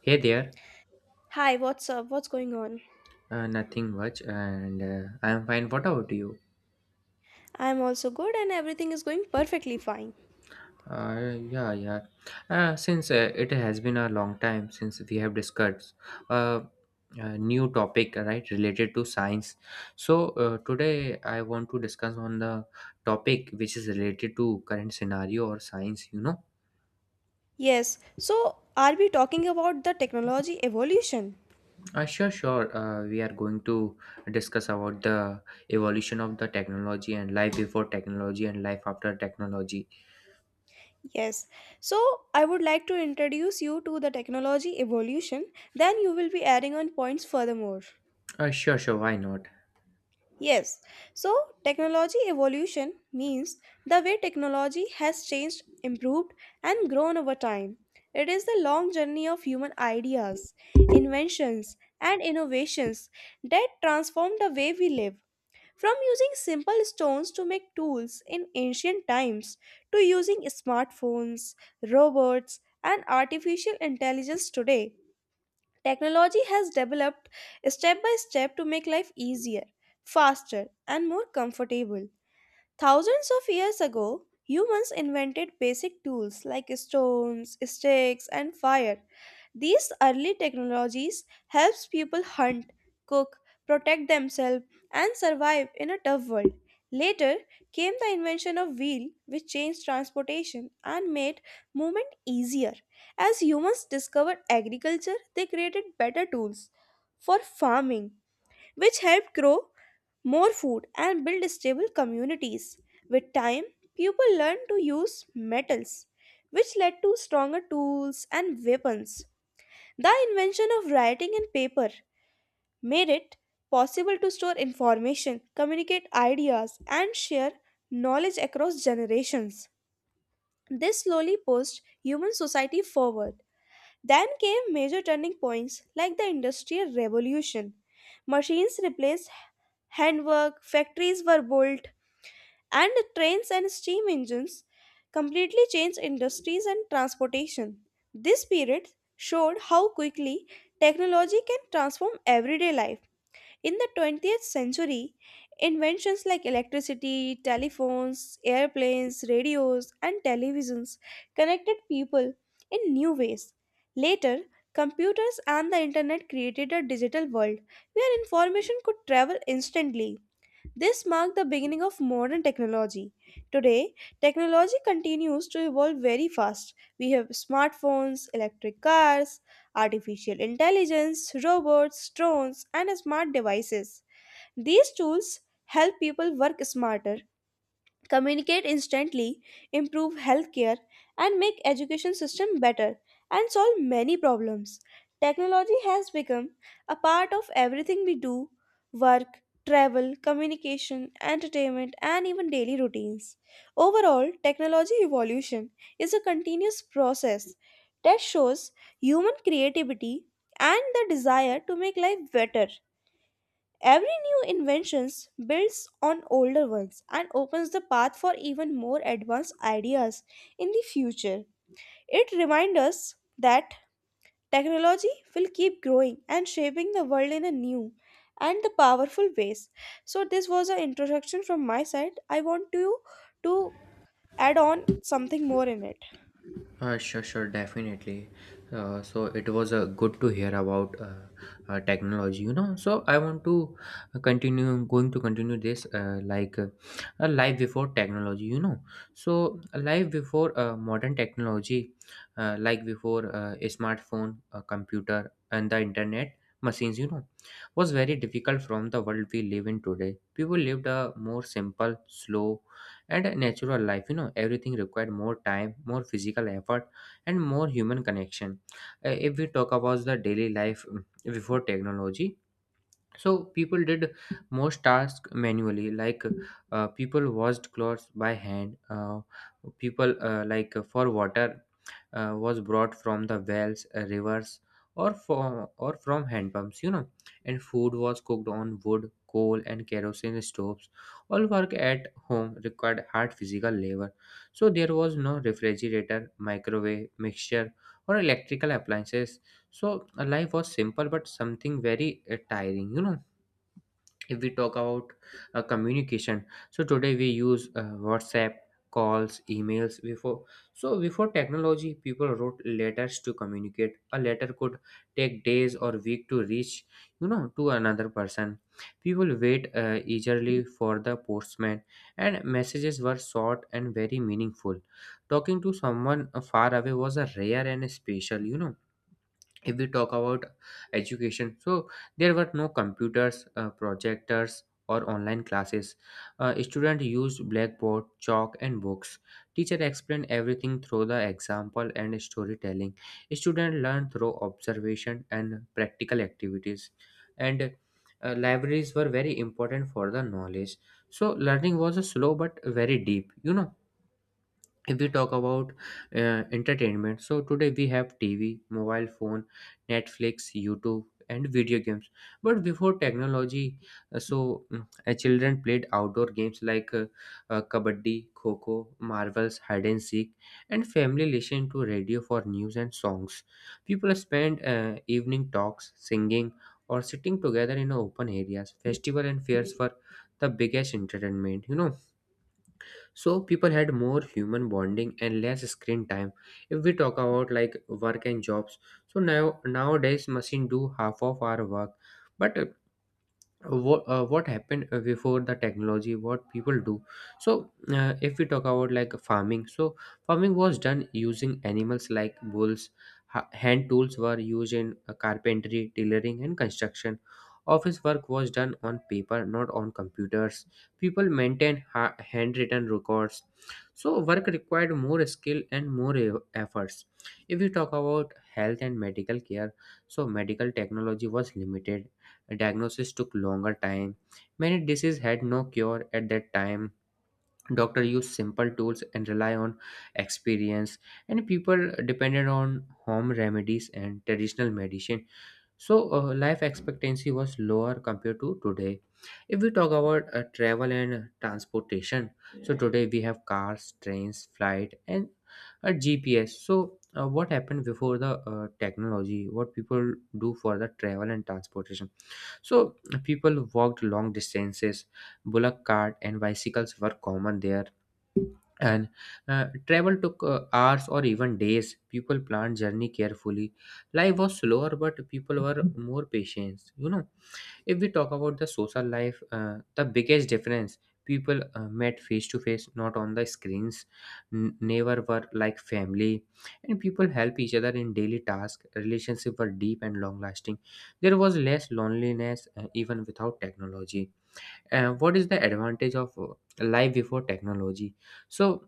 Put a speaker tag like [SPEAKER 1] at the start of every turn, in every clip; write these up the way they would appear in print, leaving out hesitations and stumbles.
[SPEAKER 1] Hey there,
[SPEAKER 2] Hi, what's up? What's going on?
[SPEAKER 1] nothing much, and I'm fine. What about you?
[SPEAKER 2] I'm also good and everything is going perfectly fine.
[SPEAKER 1] Yeah, yeah. Since it has been a long time since we have discussed uh, a new topic, right, related to science. So today I want to discuss on the topic which is related to current scenario or science.
[SPEAKER 2] Yes, so are we talking about the technology evolution?
[SPEAKER 1] Sure, sure. We are going to discuss about the evolution of the technology and life before technology and life after technology.
[SPEAKER 2] Yes, so I would like to introduce you to the technology evolution, then you will be adding on points furthermore.
[SPEAKER 1] Sure, sure. Why not?
[SPEAKER 2] Yes, so technology evolution means the way technology has changed, improved, and grown over time. It is the long journey of human ideas, inventions, and innovations that transform the way we live. From using simple stones to make tools in ancient times to using smartphones, robots, and artificial intelligence today, technology has developed step by step to make life easier, faster, and more comfortable. Thousands of years ago, humans invented basic tools like stones, sticks, and fire. These early technologies helps people hunt, cook, protect themselves, and survive in a tough world. Later came the invention of wheel, which changed transportation and made movement easier. As humans discovered agriculture, they created better tools for farming which helped grow more food and build stable communities. With time, people learned to use metals, which led to stronger tools and weapons. The invention of writing and paper made it possible to store information, communicate ideas, and share knowledge across generations. This slowly pushed human society forward, then came major turning points like the Industrial Revolution. Machines replaced handwork, factories were built, and trains and steam engines completely changed industries and transportation. This period showed how quickly technology can transform everyday life. In the 20th century, inventions like electricity, telephones, airplanes, radios, and televisions connected people in new ways. Later, computers and the internet created a digital world where information could travel instantly. This marked the beginning of modern technology. Today, technology continues to evolve very fast. We have smartphones, electric cars, artificial intelligence, robots, drones, and smart devices. These tools help people work smarter, communicate instantly, improve healthcare, and make education system better, and solve many problems. Technology has become a part of everything we do: work, travel, communication, entertainment, and even daily routines. Overall, technology evolution is a continuous process that shows human creativity and the desire to make life better. Every new invention builds on older ones and opens the path for even more advanced ideas in the future. It reminds us that technology will keep growing and shaping the world in a new and the powerful ways. So this was an introduction from my side. I want you to add on something more in it.
[SPEAKER 1] Sure, sure, definitely. So it was good to hear about technology. So I want to going to continue this like a life before technology. So a life before modern technology, like before a smartphone, a computer, and the internet machines, was very difficult from the world we live in today. People lived a more simple, slow, and natural life. Everything required more time, more physical effort, and more human connection. If we talk about the daily life, before technology, so people did most tasks manually, like people washed clothes by hand. People, for water was brought from the wells, rivers, or from hand pumps, and food was cooked on wood, coal, and kerosene stoves. All work at home required hard physical labor, so there was no refrigerator, microwave, mixture, or electrical appliances. So life was simple, but something very tiring. If we talk about communication, so today we use WhatsApp, calls, emails. Before, before technology, people wrote letters to communicate. A letter could take days or week to reach, to another person. People wait eagerly for the postman, and messages were short and very meaningful. Talking to someone far away was a rare and special. If we talk about education, so there were no computers, projectors, or online classes. Students used blackboard, chalk, and books. Teacher explained everything through the example and storytelling. Students learned through observation and practical activities, and libraries were very important for the knowledge. So learning was a slow but very deep. If we talk about entertainment, so today we have TV, mobile phone, Netflix, YouTube, and video games. But before technology, children played outdoor games, like kabaddi, kho, marvels, hide and seek. And family listened to radio for news and songs. People spent evening talks, singing, or sitting together in open areas. Festival and fairs were the biggest entertainment. So people had more human bonding and less screen time. If we talk about, like, work and jobs, so nowadays machine do half of our work. But what happened before the technology, what people do? So if we talk about, like, farming, so farming was done using animals, like bulls. Hand tools were used in carpentry, tailoring, and construction. Office work was done on paper, not on computers. People maintained handwritten records, so work required more skill and more efforts. If we talk about health and medical care, so medical technology was limited. Diagnosis took longer time. Many diseases had no cure at that time. Doctor used simple tools and rely on experience, and people depended on home remedies and traditional medicine. So life expectancy was lower compared to today. If we talk about travel and transportation, so today we have cars, trains, flight, and a GPS. So, what happened before the technology? What people do for the travel and transportation? So people walked long distances. Bullock cart and bicycles were common there, and travel took hours or even days. People planned journey carefully. Life was slower, but people were more patient. If we talk about the social life, the biggest difference, people met face to face, not on the screens. Neighbor were like family, and people help each other in daily tasks. Relationship were deep and long lasting. There was less loneliness, even without technology. What is the advantage of life before technology? So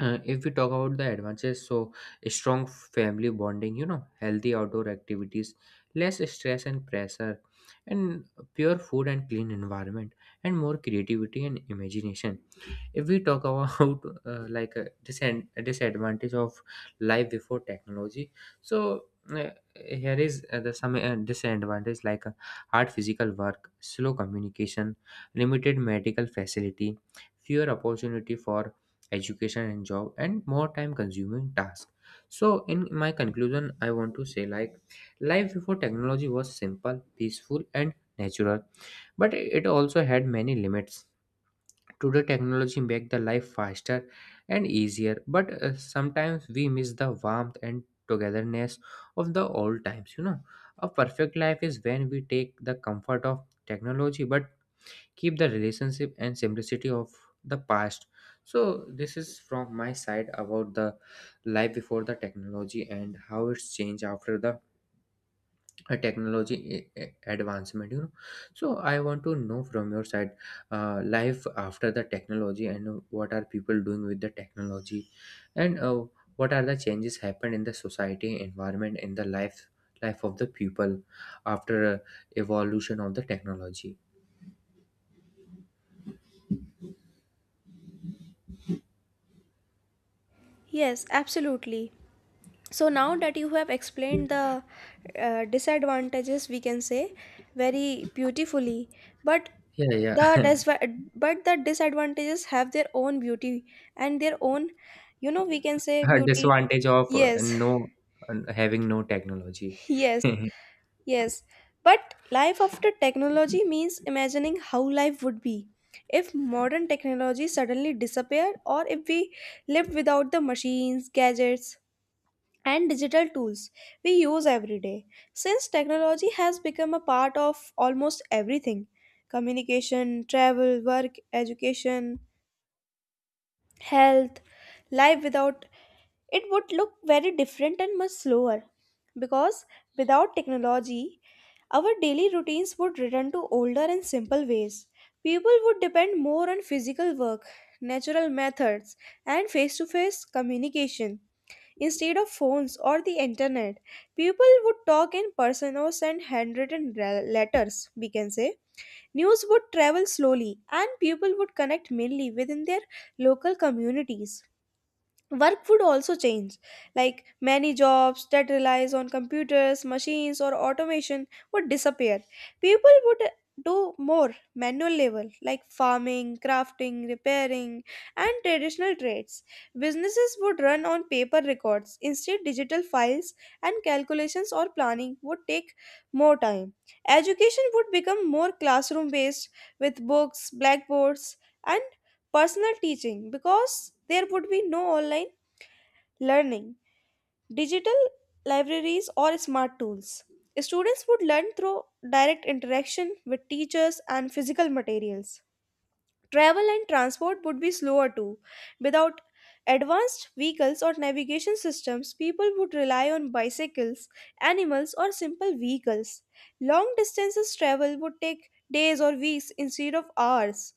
[SPEAKER 1] if we talk about the advantages, so a strong family bonding, healthy outdoor activities, less stress and pressure, and pure food and clean environment, and more creativity and imagination. If we talk about like, a disadvantage of life before technology, so uh, here is the some disadvantage, like hard physical work, slow communication, limited medical facility, fewer opportunity for education and job, and more time consuming task. So in my conclusion, I want to say, like, life before technology was simple, peaceful, and natural, but it also had many limits. Today, technology make the life faster and easier, but sometimes we miss the warmth and togetherness of the old times. A perfect life is when we take the comfort of technology, but keep the relationship and simplicity of the past. So, this is from my side about the life before the technology and how it's changed after the a technology advancement. So I want to know from your side, life after the technology, and what are people doing with the technology, and what are the changes happened in the society, environment, in the life of the people after evolution of the technology.
[SPEAKER 2] Yes, absolutely. So now that you have explained the disadvantages, we can say very beautifully, but
[SPEAKER 1] Yeah, yeah.
[SPEAKER 2] the dis- but the disadvantages have their own beauty and their own, you know, we can say
[SPEAKER 1] A
[SPEAKER 2] beauty.
[SPEAKER 1] disadvantage of
[SPEAKER 2] Yes.
[SPEAKER 1] no having no technology.
[SPEAKER 2] Yes. Yes, but life after technology means imagining how life would be if modern technology suddenly disappeared, or if we lived without the machines, gadgets, and digital tools we use every day. Since technology has become a part of almost everything, communication, travel, work, education, health, life without it would look very different and much slower. Because without technology, our daily routines would return to older and simple ways. People would depend more on physical work, natural methods, and face to face communication. Instead of phones or the internet, people would talk in person or send handwritten letters, we can say. News would travel slowly, and people would connect mainly within their local communities. Work would also change, like many jobs that relies on computers, machines, or automation would disappear. People would do more manual labor like farming, crafting, repairing, and traditional trades. Businesses would run on paper records instead digital files, and calculations or planning would take more time. Education would become more classroom based, with books, blackboards, and personal teaching, because there would be no online learning, digital libraries, or smart tools. Students would learn through direct interaction with teachers and physical materials. Travel and transport would be slower too. Without advanced vehicles or navigation systems, people would rely on bicycles, animals, or simple vehicles. Long distances travel would take days or weeks instead of hours.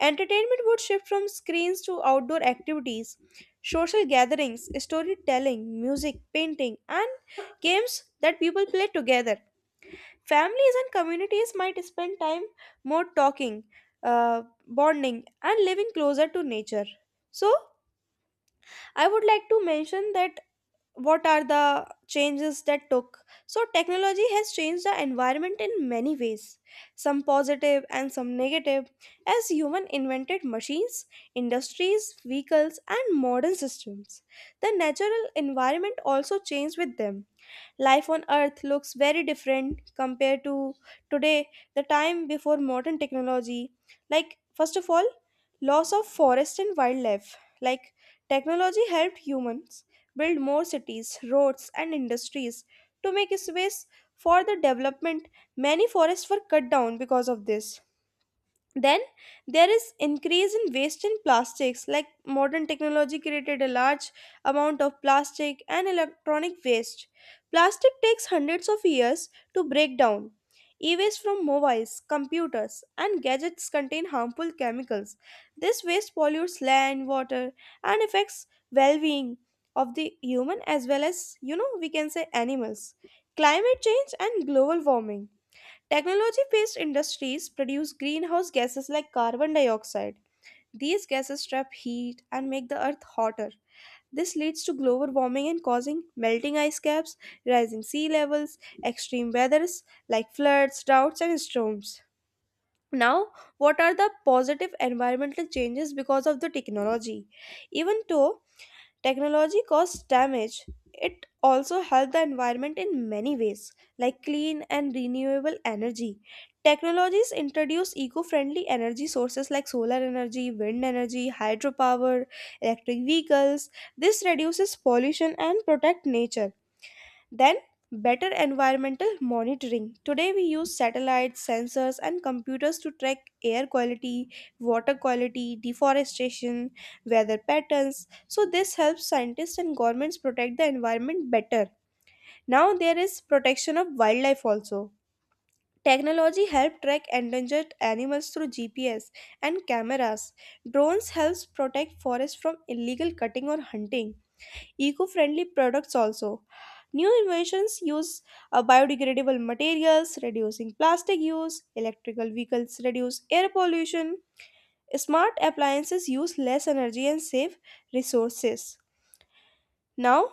[SPEAKER 2] Entertainment would shift from screens to outdoor activities, social gatherings, storytelling, music, painting, and games that people play together. Families and communities might spend time more talking, bonding, and living closer to nature. So, I would like to mention that what are the changes that took. So, technology has changed the environment in many ways, some positive and some negative, as human invented machines, industries, vehicles, and modern systems. The natural environment also changed with them. Life on earth looks very different compared to today, the time before modern technology. Like, first of all, loss of forest and wildlife. Like, technology helped humans build more cities, roads, and industries to make space for the development. Many forests were cut down because of this. Then, there is increase in waste in plastics. Like, modern technology created a large amount of plastic and electronic waste. Plastic takes hundreds of years to break down. E-waste from mobiles, computers and gadgets contain harmful chemicals. This waste pollutes land, water, and affects well-being of the human as well as, you know, we can say animals. Climate change and global warming. Technology based industries produce greenhouse gases like carbon dioxide. These gases trap heat and make the earth hotter. This leads to global warming and causing melting ice caps, rising sea levels, extreme weathers like floods, droughts, and storms. Now, what are the positive environmental changes because of the technology? Even though technology caused damage, it also helped the environment in many ways, like clean and renewable energy. Technologies introduce eco friendly energy sources like solar energy, wind energy, hydropower, electric vehicles. This reduces pollution and protect nature. Then, better environmental monitoring. Today, we use satellites, sensors, and computers to track air quality, water quality, deforestation, weather patterns. So, this helps scientists and governments protect the environment better. Now, there is protection of wildlife also. Technology helps track endangered animals through GPS and cameras. Drones helps protect forests from illegal cutting or hunting. Eco-friendly products also, new inventions use biodegradable materials, reducing plastic use. Electrical vehicles reduce air pollution. Smart appliances use less energy and save resources. Now,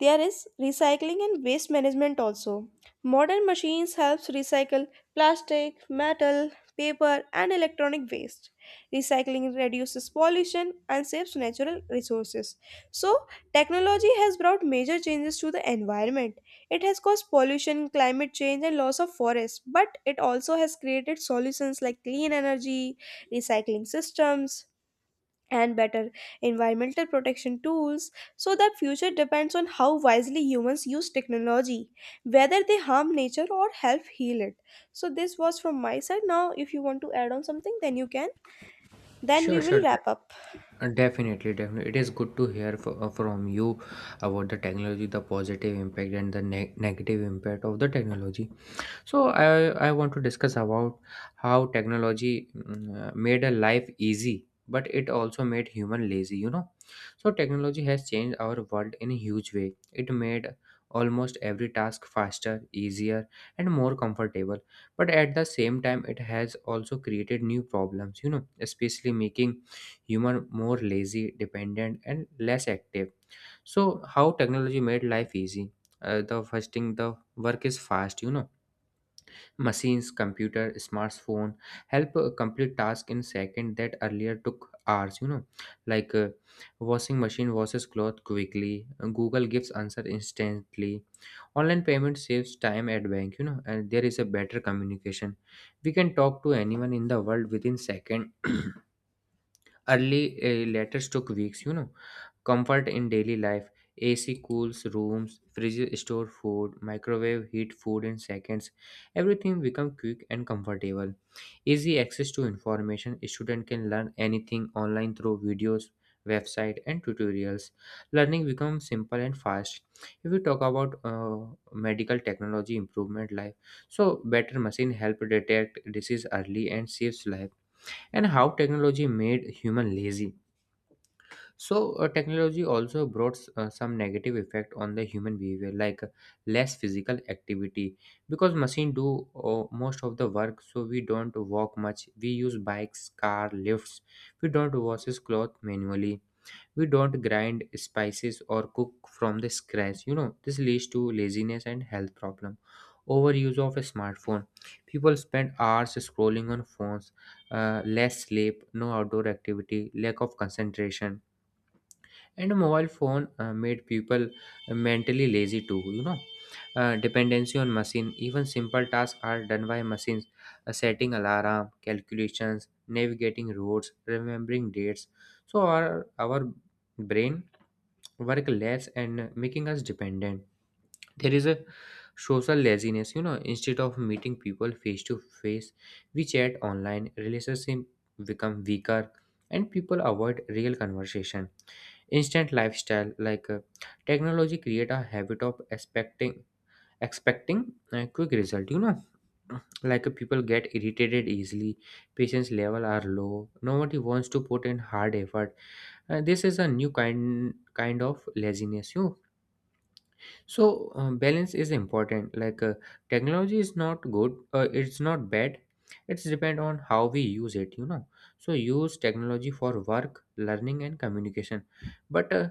[SPEAKER 2] there is recycling and waste management also. Modern machines helps recycle plastic, metal, paper and electronic waste. Recycling reduces pollution and saves natural resources. So, technology has brought major changes to the environment. It has caused pollution, climate change and loss of forests, but it also has created solutions like clean energy, recycling systems, and better environmental protection tools. So the future depends on how wisely humans use technology, whether they harm nature or help heal it. So, this was from my side. Now, if you want to add on something, then you can. Then
[SPEAKER 1] Sure,
[SPEAKER 2] we will
[SPEAKER 1] sure.
[SPEAKER 2] wrap up.
[SPEAKER 1] Definitely, definitely. It is good to hear from you about the technology, the positive impact, and the negative impact of the technology. So I want to discuss about how technology made a life easy, but it also made human lazy. So technology has changed our world in a huge way. It made almost every task faster, easier, and more comfortable. But at the same time, it has also created new problems. Especially making human more lazy, dependent, and less active. So how technology made life easy? The first thing, the work is fast. Machines, computer, smartphone help complete task in second that earlier took hours. Like, washing machine washes cloth quickly. Google gives answer instantly. Online payment saves time at bank. And there is a better communication. We can talk to anyone in the world within second. Early letters took weeks. Comfort in daily life. AC cools rooms, fridges store food, microwave heat food in seconds. Everything become quick and comfortable. Easy access to information. Student can learn anything online through videos, website, and tutorials. Learning becomes simple and fast. If we talk about medical technology improvement life, so better machine help detect disease early and saves life. And how technology made human lazy? So technology also brought some negative effect on the human behavior, like less physical activity. Because machine do most of the work, so we don't walk much, we use bikes, car, lifts. We don't wash his clothes manually. We don't grind spices or cook from the scratch. This leads to laziness and health problem. Overuse of a smartphone. People spend hours scrolling on phones. Less sleep, no outdoor activity, lack of concentration. And a mobile phone made people mentally lazy too. Dependency on machine. Even simple tasks are done by machines, setting alarm, calculations, navigating roads, remembering dates. So our brain work less and making us dependent. There is a social laziness, instead of meeting people face to face, we chat online, relationships become weaker, and people avoid real conversation. Instant lifestyle, like technology create a habit of expecting a quick result. Like people get irritated easily, patience level are low, nobody wants to put in hard effort. This is a new kind of laziness. So balance is important, like technology is not good, it's not bad, it's depend on how we use it. So use technology for work, learning, and communication. But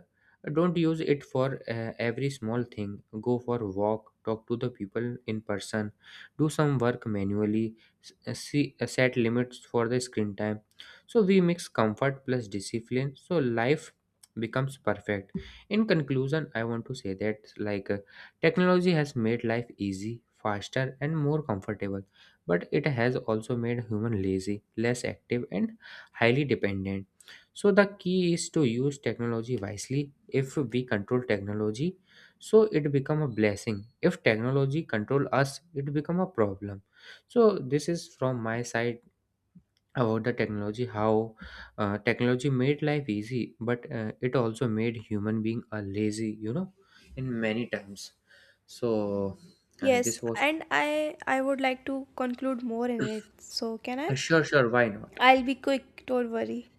[SPEAKER 1] don't use it for every small thing. Go for a walk, talk to the people in person, do some work manually. S- see Set limits for the screen time. So we mix comfort plus discipline, so life becomes perfect. In conclusion, I want to say that, like, technology has made life easy, faster, and more comfortable, but it has also made human lazy, less active, and highly dependent. So the key is to use technology wisely. If we control technology, so it become a blessing. If technology control us, it become a problem. So this is from my side about the technology, how technology made life easy, but it also made human being a lazy, in many times. So
[SPEAKER 2] Yes,
[SPEAKER 1] this was
[SPEAKER 2] and I would like to conclude more in it. So, can I?
[SPEAKER 1] sure, sure, why not.
[SPEAKER 2] I'll be quick, don't worry.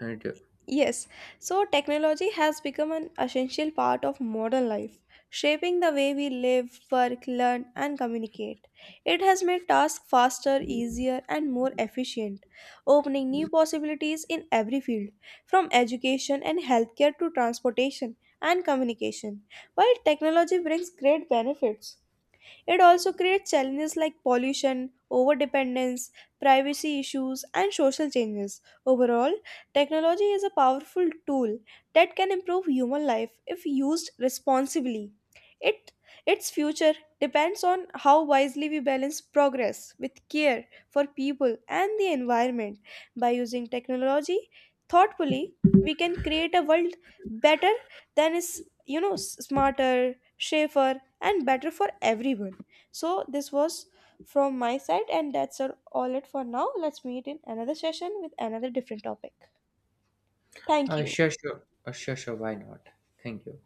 [SPEAKER 1] And,
[SPEAKER 2] Yes, so technology has become an essential part of modern life, shaping the way we live, work, learn, and communicate. It has made tasks faster, easier, and more efficient, opening new possibilities in every field, from education and healthcare to transportation and communication. While technology brings great benefits, it also creates challenges like pollution, overdependence, privacy issues, and social changes. Overall, technology is a powerful tool that can improve human life if used responsibly. It, its future depends on how wisely we balance progress with care for people and the environment. By using technology thoughtfully, we can create a world better than is, you know, smarter, safer, and better for everyone. So this was from my side, and that's all it for now. Let's meet in another session with another different topic. Thank you.
[SPEAKER 1] sure, sure, sure, sure, why not. Thank you.